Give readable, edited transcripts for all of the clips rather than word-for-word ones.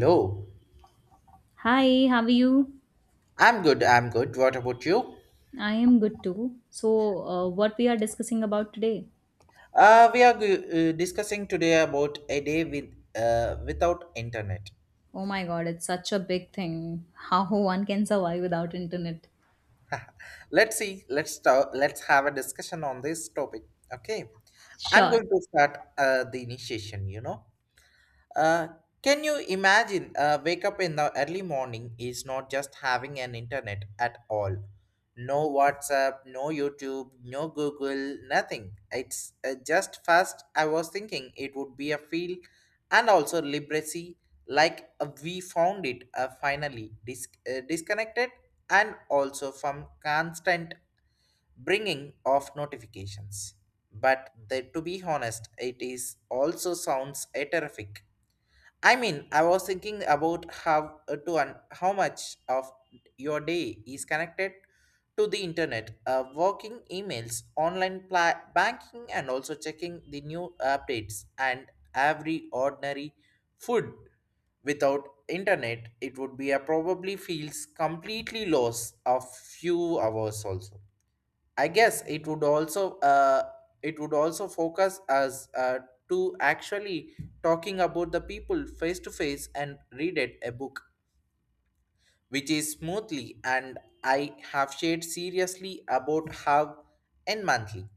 Hello. Hi, how are you? I'm good. I'm good. What about you? I am good too. So, what we are discussing about today? Uh, we are g- Discussing today about a day without internet. Oh my god, it's such a big thing. How one can survive without internet. Let's see. Let's start. Let's have a discussion on this topic. Okay. I'm Sure. going to start the initiation. You know. Uh, can you imagine wake up in the early morning is not just having an internet at all, no WhatsApp, no YouTube, no Google, nothing. It's just fast. I was thinking it would be a feel and also liberacy, like we found it finally disconnected and also from constant bringing of notifications. But to be honest, it is also sounds a terrific. I mean, I was thinking about how much of your day is connected to the internet, working emails, online banking, and also checking the new updates and every ordinary food. Without internet, it would be a probably feels completely lost of few hours also. I guess it would also focus us to actually talking about the people face to face and read it a book, which is smoothly. And I have shared seriously about how and monthly.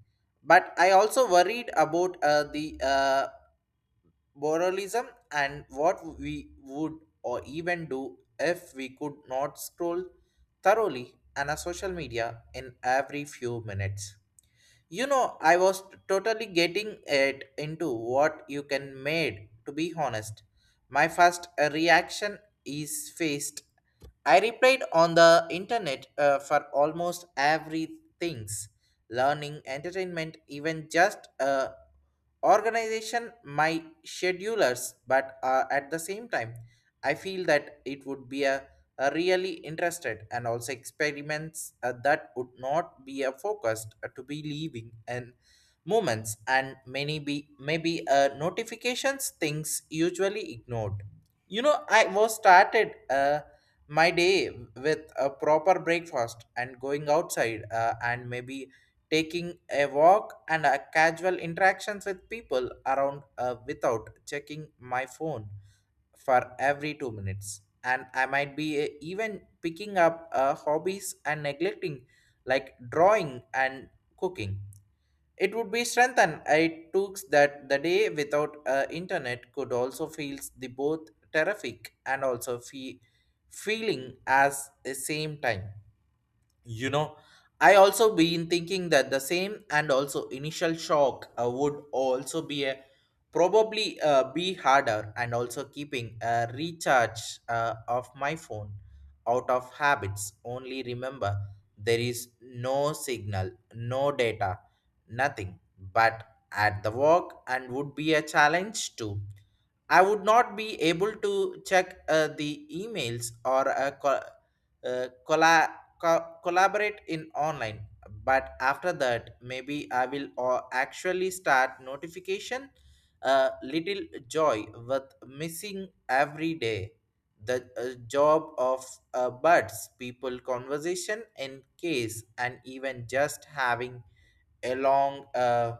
But I also worried about the moralism and what we would or even do if we could not scroll thoroughly on a social media in every few minutes. You know, I was totally getting it into what you can made, to be honest. My first reaction is faced. I replied on the internet for almost everything's: learning, entertainment, even just organization my schedulers. But at the same time, I feel that it would be a really interested and also experiments that would not be focused to be leaving and moments, and many be maybe notifications things usually ignored. You know, I was started my day with a proper breakfast and going outside and maybe taking a walk and a casual interactions with people around without checking my phone for every 2 minutes. And I might be even picking up hobbies and neglecting, like drawing and cooking. It would be strengthened. It took that the day without internet could also feels the both terrific and also feeling as the same time. You know, I also been thinking that the same and also initial shock would also be a probably be harder, and also keeping a recharge of my phone out of habits. Only remember there is no signal, no data, nothing. But at the work and would be a challenge too. I would not be able to check the emails or uh, colla collaborate in online. But after that, maybe I will actually start notification, little joy with missing every day, the job of buds people conversation in case, and even just having a long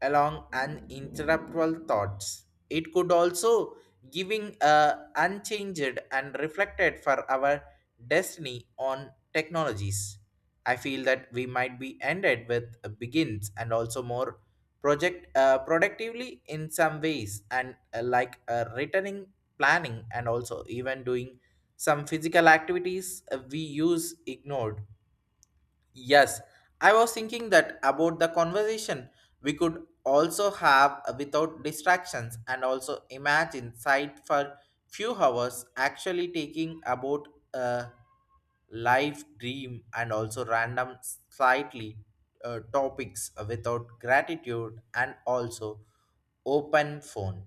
along uninterruptible thoughts. It could also giving a unchanged and reflected for our destiny on technologies. I feel that we might be ended with begins and also more project productively in some ways, and like returning planning and also even doing some physical activities we use ignored. Yes, I was thinking that about the conversation we could also have without distractions, and also imagine sight for few hours actually taking about a life dream and also random slightly topics without gratitude and also open phone.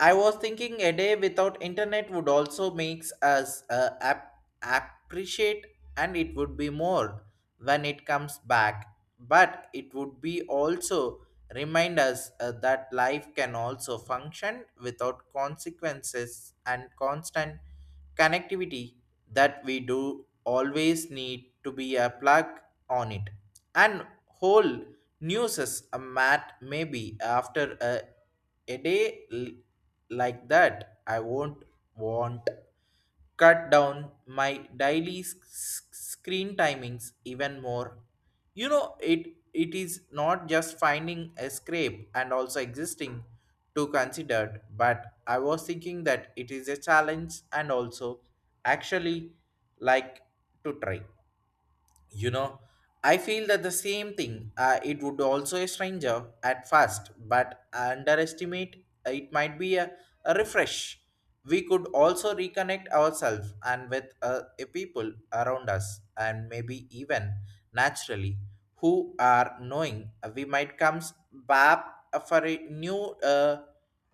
I was thinking a day without internet would also makes us appreciate, and it would be more when it comes back. But it would be also remind us that life can also function without consequences and constant connectivity, that we do always need to be a plug on it. And whole news is a mat maybe after a day like that, I won't want cut down my daily screen timings even more. You know, it is not just finding a scrape and also existing to consider. But I was thinking that it is a challenge and also actually, like, to try. You know, I feel that the same thing. It would also a stranger at first, but underestimate it might be a refresh. We could also reconnect ourselves and with a people around us, and maybe even naturally who are knowing we might comes back for a new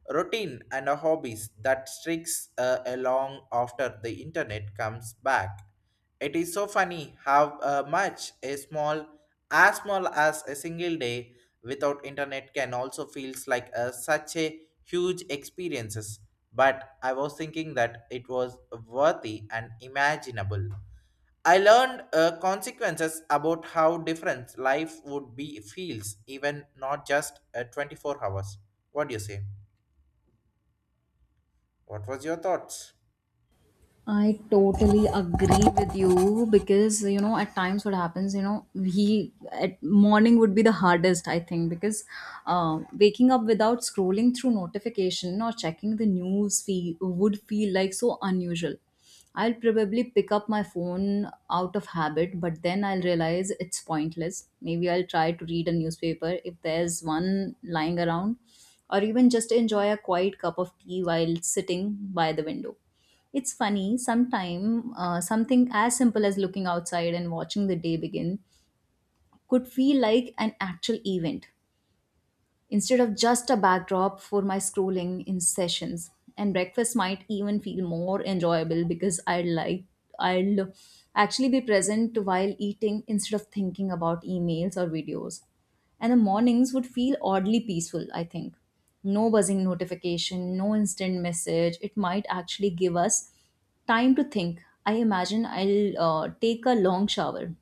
routine and a hobbies that streaks along after the internet comes back. It is so funny how much a small as a single day without internet can also feels like a, such a huge experiences. But I was thinking that it was worthy and imaginable. I learned consequences about how different life would be feels even not just 24 hours. What do you say? What was your thoughts? I totally agree with you because you know at times what happens, you know, we at morning would be the hardest I think because waking up without scrolling through notification or checking the news fee would feel like so unusual. I'll probably pick up my phone out of habit, but then I'll realize it's pointless. Maybe I'll try to read a newspaper if there's one lying around, or even just enjoy a quiet cup of tea while sitting by the window. It's funny, sometime something as simple as looking outside and watching the day begin could feel like an actual event instead of just a backdrop for my scrolling in sessions. And breakfast might even feel more enjoyable because I like I'll actually be present while eating instead of thinking about emails or videos. And the mornings would feel oddly peaceful, I think. No buzzing notification, no instant message. It might actually give us time to think. I imagine I'll take a long shower,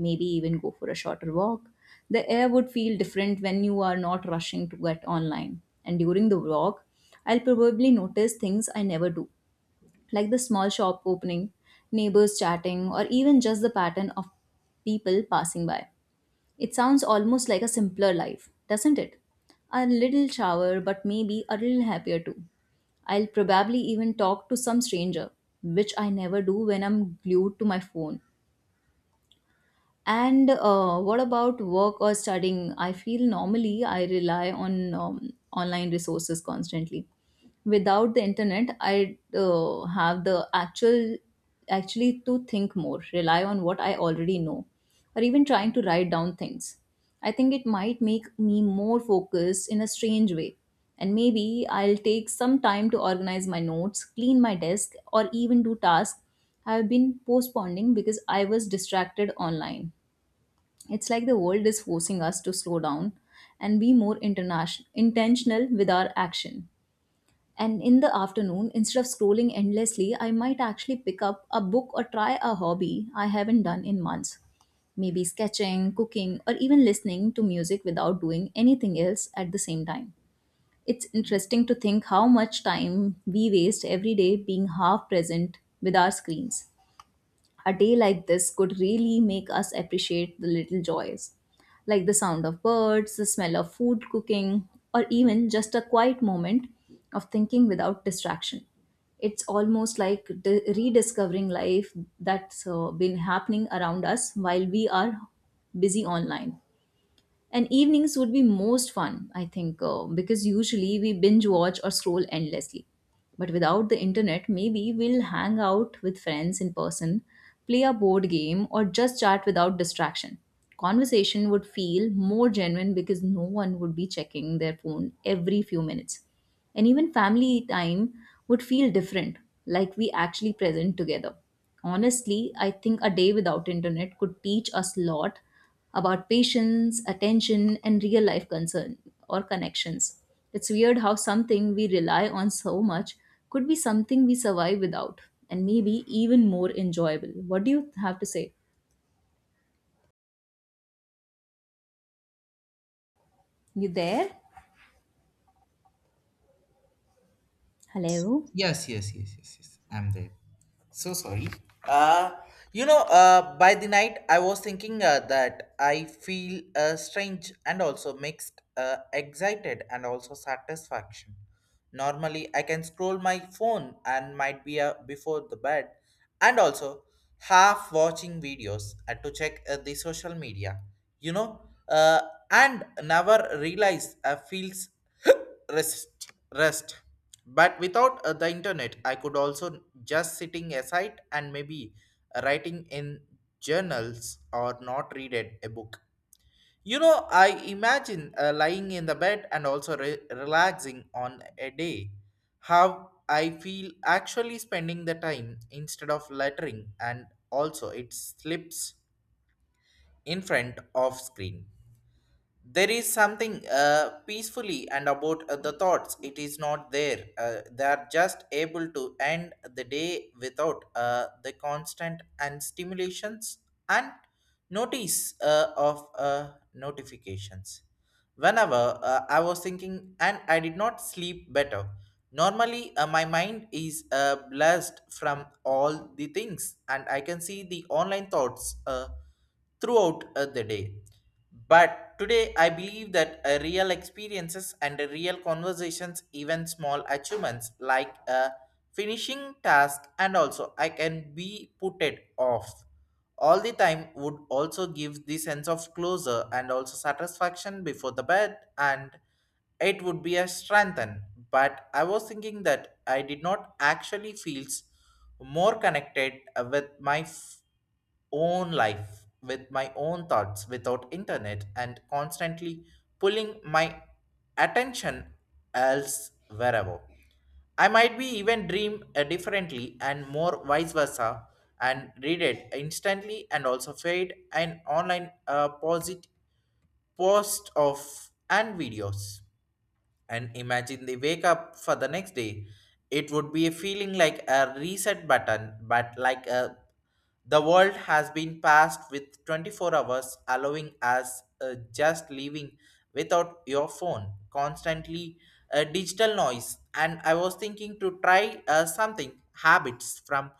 maybe even go for a shorter walk. The air would feel different when you are not rushing to get online. And during the walk, I'll probably notice things I never do, like the small shop opening, neighbors chatting, or even just the pattern of people passing by. It sounds almost like a simpler life, doesn't it? A little shower, but maybe a little happier too. I'll probably even talk to some stranger, which I never do when I'm glued to my phone. And what about work or studying? I feel normally I rely on online resources constantly. Without the internet, I have the actually to think more, rely on what I already know, or even trying to write down things. I think it might make me more focused in a strange way. And maybe I'll take some time to organize my notes, clean my desk, or even do tasks I've been postponing because I was distracted online. It's like the world is forcing us to slow down and be more intentional with our action. And in the afternoon, instead of scrolling endlessly, I might actually pick up a book or try a hobby I haven't done in months. Maybe sketching, cooking, or even listening to music without doing anything else at the same time. It's interesting to think how much time we waste every day being half present with our screens. A day like this could really make us appreciate the little joys, like the sound of birds, the smell of food cooking, or even just a quiet moment of thinking without distraction. It's almost like rediscovering life that's been happening around us while we are busy online. And evenings would be most fun, I think, because usually we binge watch or scroll endlessly, but without the internet maybe we'll hang out with friends in person, play a board game, or just chat without distraction. Conversation would feel more genuine because no one would be checking their phone every few minutes, and even family time would feel different, like we actually present together. Honestly, I think a day without internet could teach us a lot about patience, attention, and real life concern or connections. It's weird how something we rely on so much could be something we survive without and maybe even more enjoyable. What do you have to say? You there? Hello? Yes, yes, yes, yes, yes. I'm there. So sorry. Uh, you know, by the night, I was thinking that I feel strange and also mixed, excited and also satisfaction. Normally, I can scroll my phone and might be before the bed, and also half watching videos to check the social media. You know, uh, and never realize feels rest rest. But without the internet, I could also just sitting aside and maybe writing in journals or not read it, a book. You know, I imagine lying in the bed and also relaxing on a day, how I feel actually spending the time instead of lettering and also it slips in front of screen. There is something peacefully and about the thoughts. It is not there they are just able to end the day without the constant and stimulations and notice of notifications. Whenever I was thinking, and I did not sleep better. Normally my mind is blessed from all the things, and I can see the online thoughts throughout the day. But today, I believe that real experiences and real conversations, even small achievements like a finishing task, and also I can be put it off all the time, would also give the sense of closure and also satisfaction before the bed, and it would be a strengthen. But I was thinking that I did not actually feels more connected with my own life, with my own thoughts without internet and constantly pulling my attention else wherever. I might be even dream differently and more vice versa, and read it instantly and also fade an online post of and videos, and imagine they wake up for the next day. It would be a feeling like a reset button, but like a, the world has been passed with 24 hours, allowing us just living without your phone constantly, digital noise. And I was thinking to try something habits from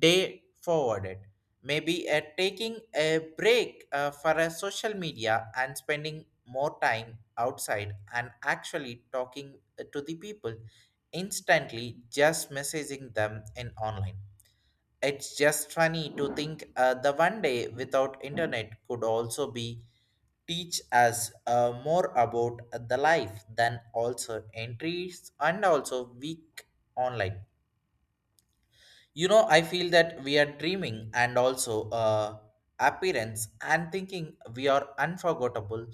day forward. Maybe taking a break for a social media and spending more time outside and actually talking to the people instantly, just messaging them in online. It's just funny to think the one day without internet could also be teach us more about the life than also entries and also weak online. You know, I feel that we are dreaming and also appearance and thinking we are unforgettable.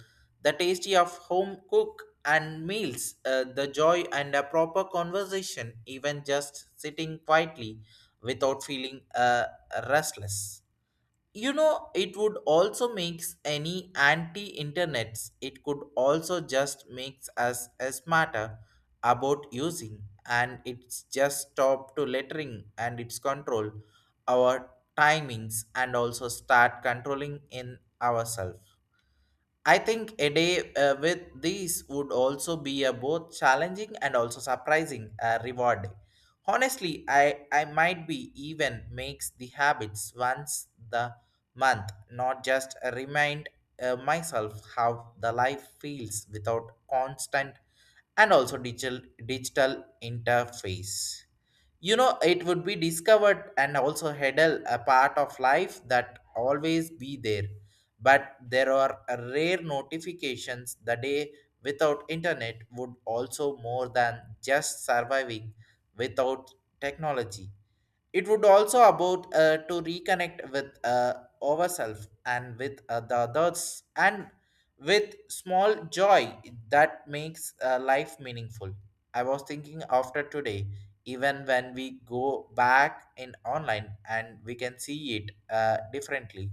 The tasty of home cook and meals, the joy and a proper conversation, even just sitting quietly without feeling restless. You know, it would also makes any anti-internets, it could also just makes us a smarter about using, and it's just stop to lettering and its control our timings and also start controlling in ourselves. I think a day with these would also be a both challenging and also surprising reward. Honestly, I might be even makes the habits once the month, not just remind myself how the life feels without constant and also digital interface. You know, it would be discovered and also hurdle a part of life that always be there, but there are rare notifications. The day without internet would also more than just surviving without technology. It would also about to reconnect with ourselves, and with the others, and with small joy that makes life meaningful. I was thinking after today, even when we go back in online and we can see it differently,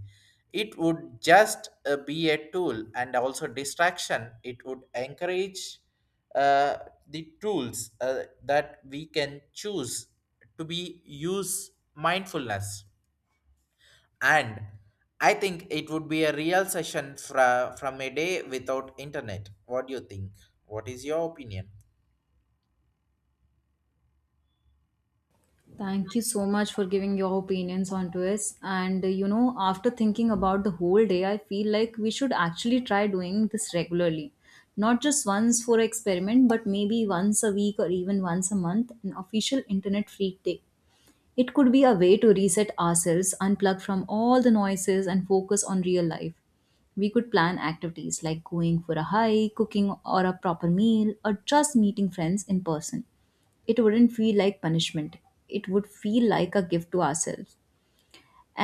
it would just be a tool and also distraction. It would encourage. Uh, the tools that we can choose to be use mindfulness. And I think it would be a real session from a day without internet. What do you think? What is your opinion? Thank you so much for giving your opinions onto this. And you know, after thinking about the whole day, I feel like we should actually try doing this regularly. Not just once for experiment, but maybe once a week or even once a month, an official internet free day. It could be a way to reset ourselves, unplug from all the noises, and focus on real life. We could plan activities like going for a hike, cooking or a proper meal, or just meeting friends in person. It wouldn't feel like punishment, it would feel like a gift to ourselves.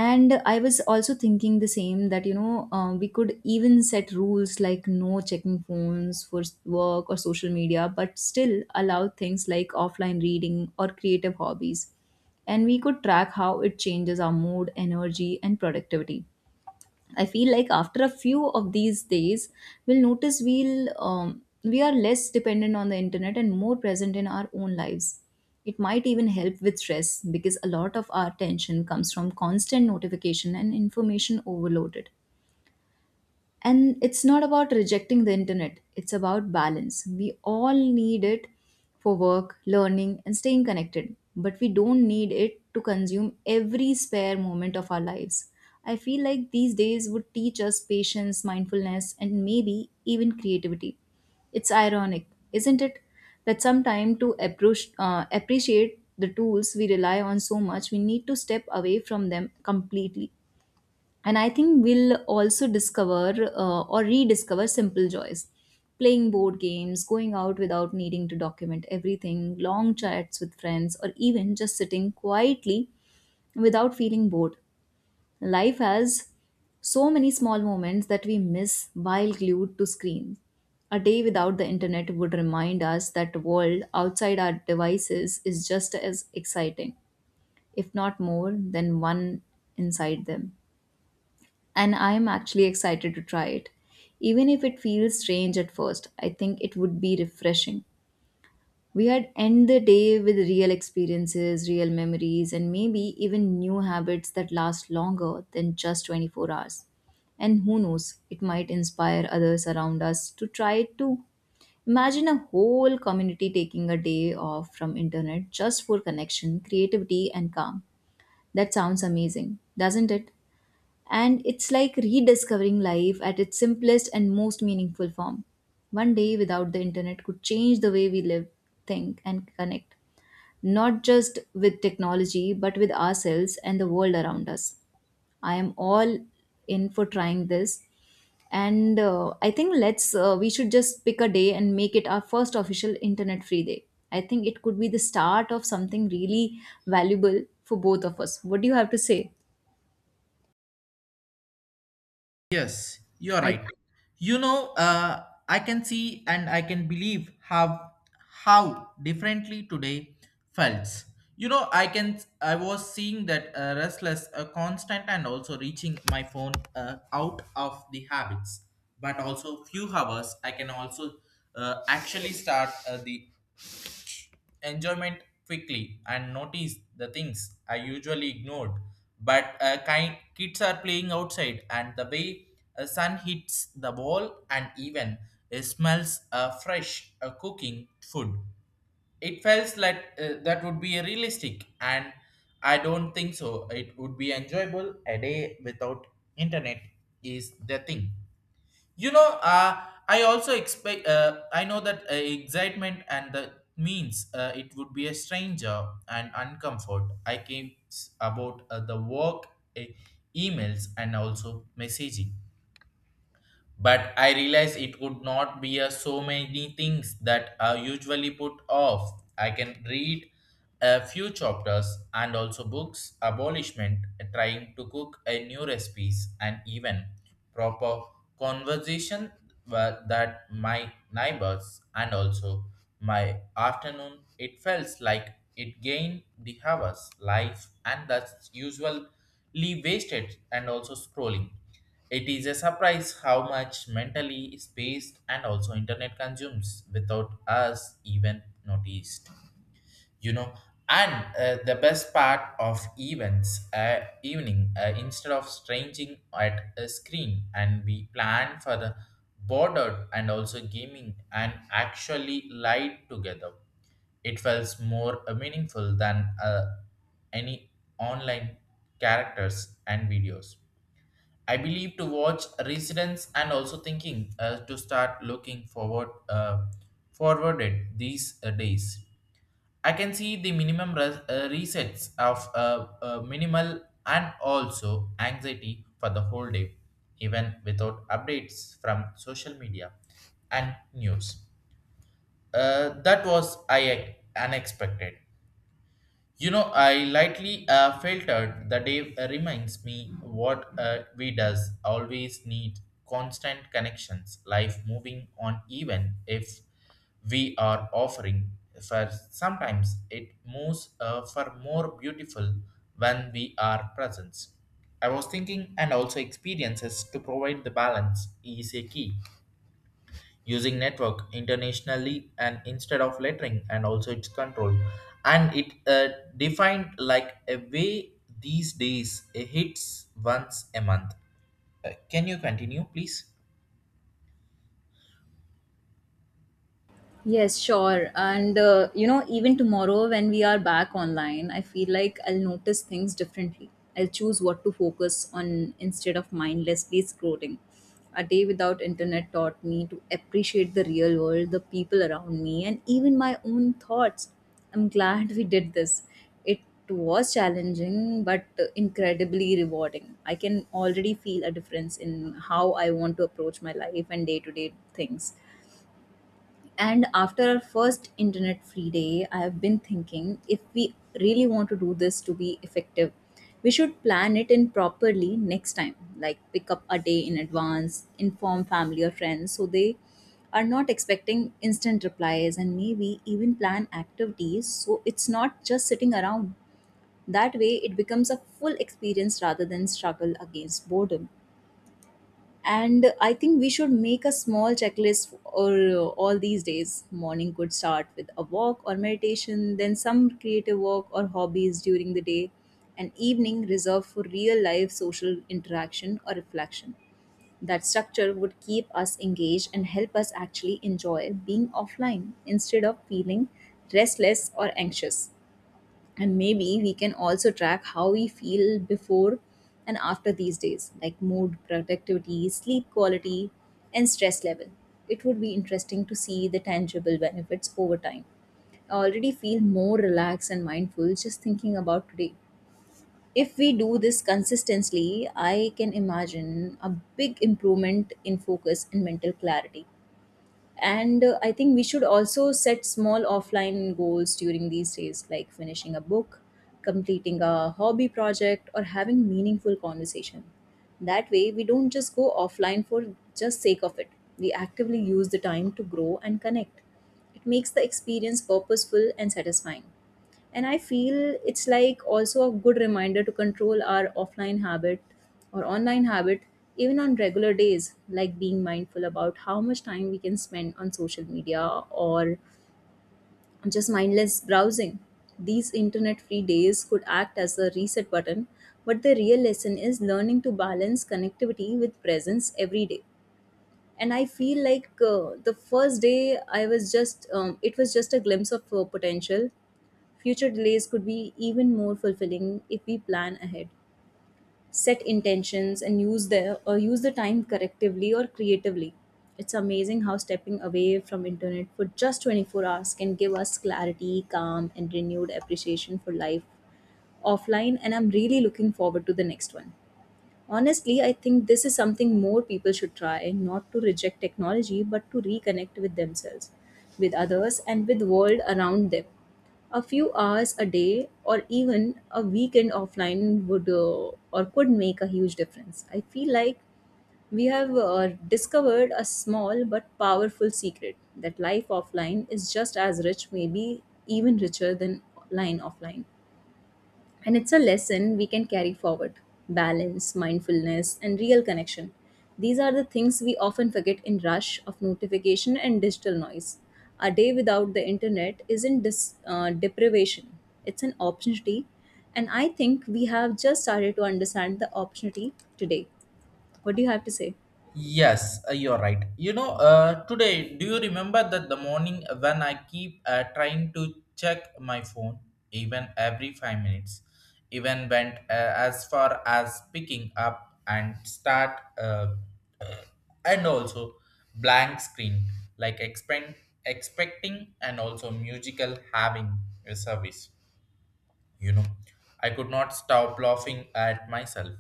And I was also thinking the same that, you know, we could even set rules like no checking phones for work or social media, but still allow things like offline reading or creative hobbies. And we could track how it changes our mood, energy and productivity. I feel like after a few of these days, we'll notice, we are less dependent on the internet and more present in our own lives. It might even help with stress because a lot of our tension comes from constant notification and information overloaded. And it's not about rejecting the internet, it's about balance. We all need it for work, learning and staying connected, but we don't need it to consume every spare moment of our lives. I feel like these days would teach us patience, mindfulness and maybe even creativity. It's ironic, isn't it, that sometime to appreciate the tools we rely on so much we need to step away from them completely. And I think we'll also discover, or rediscover, simple joys. Playing board games, going out without needing to document everything, long chats with friends, or even just sitting quietly without feeling bored. Life has so many small moments that we miss while glued to screens. A day without the internet would remind us that the world outside our devices is just as exciting, if not more, than one inside them. And I am actually excited to try it. Even if it feels strange at first, I think it would be refreshing. We had end the day with real experiences, real memories, and maybe even new habits that last longer than just 24 hours. And who knows, it might inspire others around us to try it too. Imagine a whole community taking a day off from internet just for connection, creativity and calm. That sounds amazing, doesn't it? And it's like rediscovering life at its simplest and most meaningful form. One day without the internet could change the way we live, think, and connect, not just with technology, but with ourselves and the world around us. I am all in for trying this. And I think let's we should just pick a day and make it our first official internet free day. I think it could be the start of something really valuable for both of us. What do you have to say? Yes, you're I. right. You know, I can see and I can believe how differently today felt. You know, I can I was seeing that restless, constant, and also reaching my phone out of the habits. But also few hours, I can also actually start the enjoyment quickly and notice the things I usually ignored. But kind kids are playing outside, and the way a sun hits the wall, and even it smells fresh cooking food. It feels like that would be realistic, and I don't think so. It would be enjoyable. A day without internet is the thing you know uh, I also expect I know that excitement and the means it would be a stranger and uncomfort about the work uh, emails and also messaging but I realized it would not be a so many things that are usually put off. I can read a few chapters and also books, abolishment, trying to cook a new recipes, and even proper conversation that my neighbors and also my afternoon it felt like it gained the hours life and that's usually wasted and also scrolling it is a surprise how much mentally space and also internet consumes without us even noticed. You know, and the best part of events evening instead of stranging at a screen and we plan for the border and also gaming and actually lied together. It felt more meaningful than any online characters and videos I believe to watch residents and also thinking to start looking forward forwarded these days. I can see the minimum resets of minimal and also anxiety for the whole day, even without updates from social media and news. That was I unexpected. You know, I lightly filtered the day reminds me what we does always need constant connections, life moving on even if we are offering. For sometimes it moves for more beautiful when we are present. I was thinking and also experiences to provide the balance is a key using network internationally and instead of lettering and also its control and it defined like a way these days it hits once a month. Can you continue please? Yes, sure. And you know, even tomorrow when we are back online, I feel like I'll notice things differently. I'll choose what to focus on instead of mindlessly scrolling. A day without internet taught me to appreciate the real world, the people around me, and even my own thoughts. I'm glad we did this. It was challenging, but incredibly rewarding. I can already feel a difference in how I want to approach my life and day to day things. And after our first internet free day, I have been thinking if we really want to do this to be effective, we should plan it in properly next time. Like pick up a day in advance, inform family or friends so they are not expecting instant replies, and maybe even plan activities so it's not just sitting around. That way, it becomes a full experience rather than struggle against boredom. And I think we should make a small checklist, or all these days morning could start with a walk or meditation, then some creative work or hobbies during the day, and evening reserved for real life social interaction or reflection. That structure would keep us engaged and help us actually enjoy being offline instead of feeling restless or anxious. And maybe we can also track how we feel before and after these days, like mood, productivity, sleep quality and stress level. It would be interesting to see the tangible benefits over time. I already feel more relaxed and mindful just thinking about today. If we do this consistently, I can imagine a big improvement in focus and mental clarity. And I think we should also set small offline goals during these days, like finishing a book, completing a hobby project, or having meaningful conversation. That way we don't just go offline for just sake of it, we actively use the time to grow and connect. It makes the experience purposeful and satisfying. And I feel it's like also a good reminder to control our offline habit or online habit, even on regular days, like being mindful about how much time we can spend on social media or just mindless browsing. These internet free days could act as a reset button, but the real lesson is learning to balance connectivity with presence every day. And I feel like the first day I was just it was just a glimpse of potential. Future delays could be even more fulfilling if we plan ahead, set intentions, and use the time correctively or creatively. It's amazing how stepping away from internet for just 24 hours can give us clarity, calm and renewed appreciation for life offline, and I'm really looking forward to the next one. Honestly, I think this is something more people should try, not to reject technology, but to reconnect with themselves, with others, and with world around them. A few hours a day or even a weekend offline would or could make a huge difference. I feel like we have discovered a small but powerful secret that life offline is just as rich, maybe even richer than line offline. And it's a lesson we can carry forward: balance, mindfulness, and real connection. These are the things we often forget in rush of notification and digital noise. A day without the internet isn't deprivation, it's an opportunity. And I think we have just started to understand the opportunity today. What do you have to say? Yes, you're right. Today, do you remember that the morning when I keep trying to check my phone, even every 5 minutes, even went as far as picking up and start, uh, and also blank screen, like expecting and also musical having a service you know I could not stop laughing at myself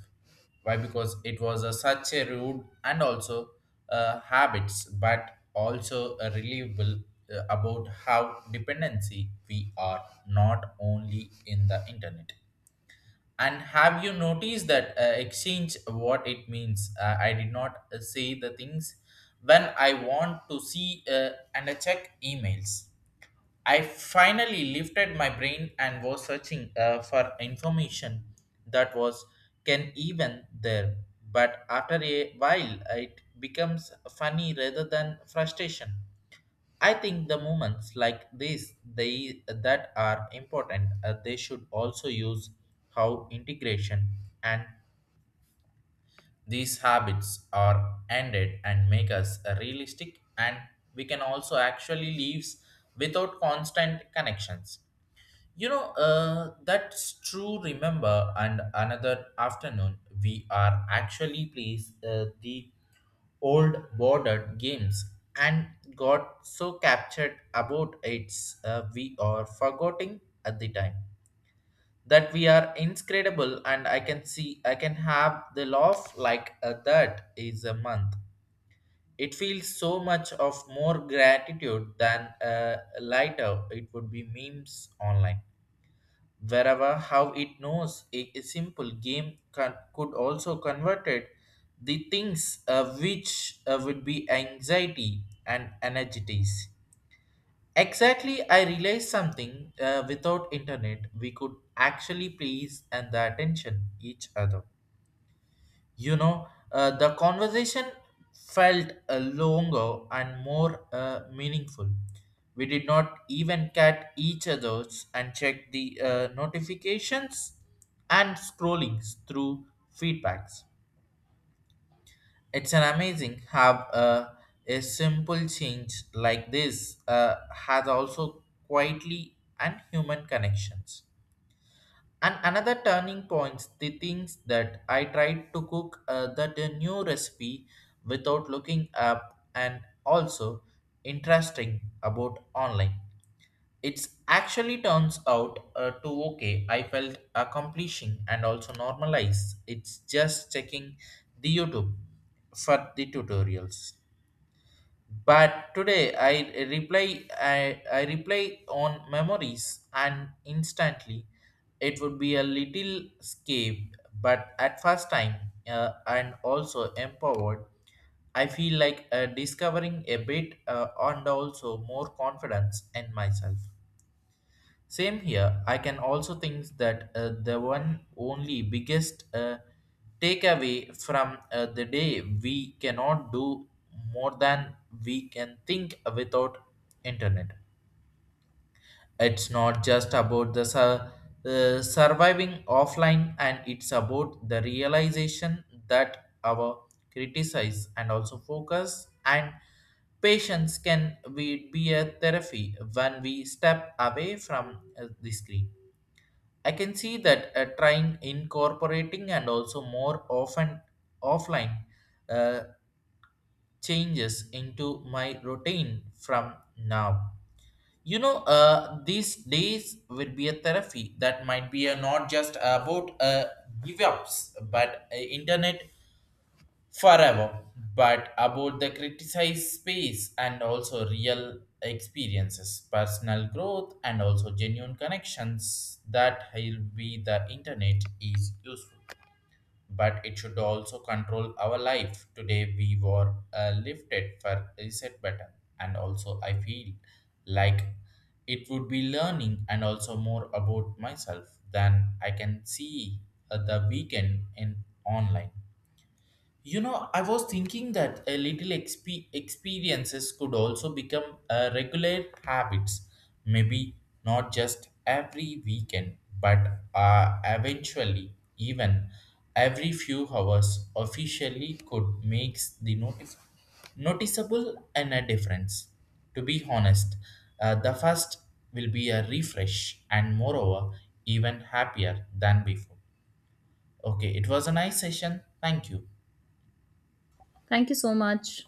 why because it was a, such a rude and also habits but also a reliable about how dependency we are not only in the internet and have you noticed that exchange what it means I did not say the things when I want to see and check emails. I finally lifted my brain and was searching for information that was can even there. But after a while, it becomes funny rather than frustration. I think the moments like this, they that are important, they should also use how integration and these habits are ended and make us realistic, and we can also actually live without constant connections. That's true. Remember, and another afternoon, we are actually plays the old border games and got so captured about its we are forgetting at the time that we are inscredible and I can see I can have the laugh like that is a month it feels so much of more gratitude than lighter it would be memes online wherever how it knows a simple game could also convert it the things which would be anxiety and energies exactly I realized something without internet we could actually please and the attention each other. The conversation felt longer and more meaningful. We did not even cat each other's and check the notifications and scrollings through feedbacks. It's an amazing how a simple change like this has also quietly and human connections. And another turning points, the things that I tried to cook that a new recipe without looking up and also interesting about online. It's actually turns out to okay. I felt accomplishing and also normalized. It's just checking the YouTube for the tutorials. But today I reply on memories and instantly it would be a little escape but at first time and also empowered. I feel like discovering a bit and also more confidence in myself. Same here. I can also think that the one only biggest takeaway from the day we cannot do more than we can think without internet. It's not just about the surviving offline, and it's about the realization that our criticize and also focus and patience can we be a therapy when we step away from the screen. I can see that trying incorporating and also more often offline uh, changes into my routine from now. These days will be a therapy that might be a not just about give ups, but internet forever, but about the criticized space and also real experiences, personal growth, and also genuine connections that will be the internet is useful. But it should also control our life. Today we were lifted for reset button, and also I feel like it would be learning and also more about myself than I can see at the weekend in online. I was thinking that a little experiences could also become regular habits. Maybe not just every weekend, but eventually, even every few hours, officially could makes the noticeable and a difference. To be honest, the first will be a refresh and moreover, even happier than before. Okay, it was a nice session. Thank you. Thank you so much.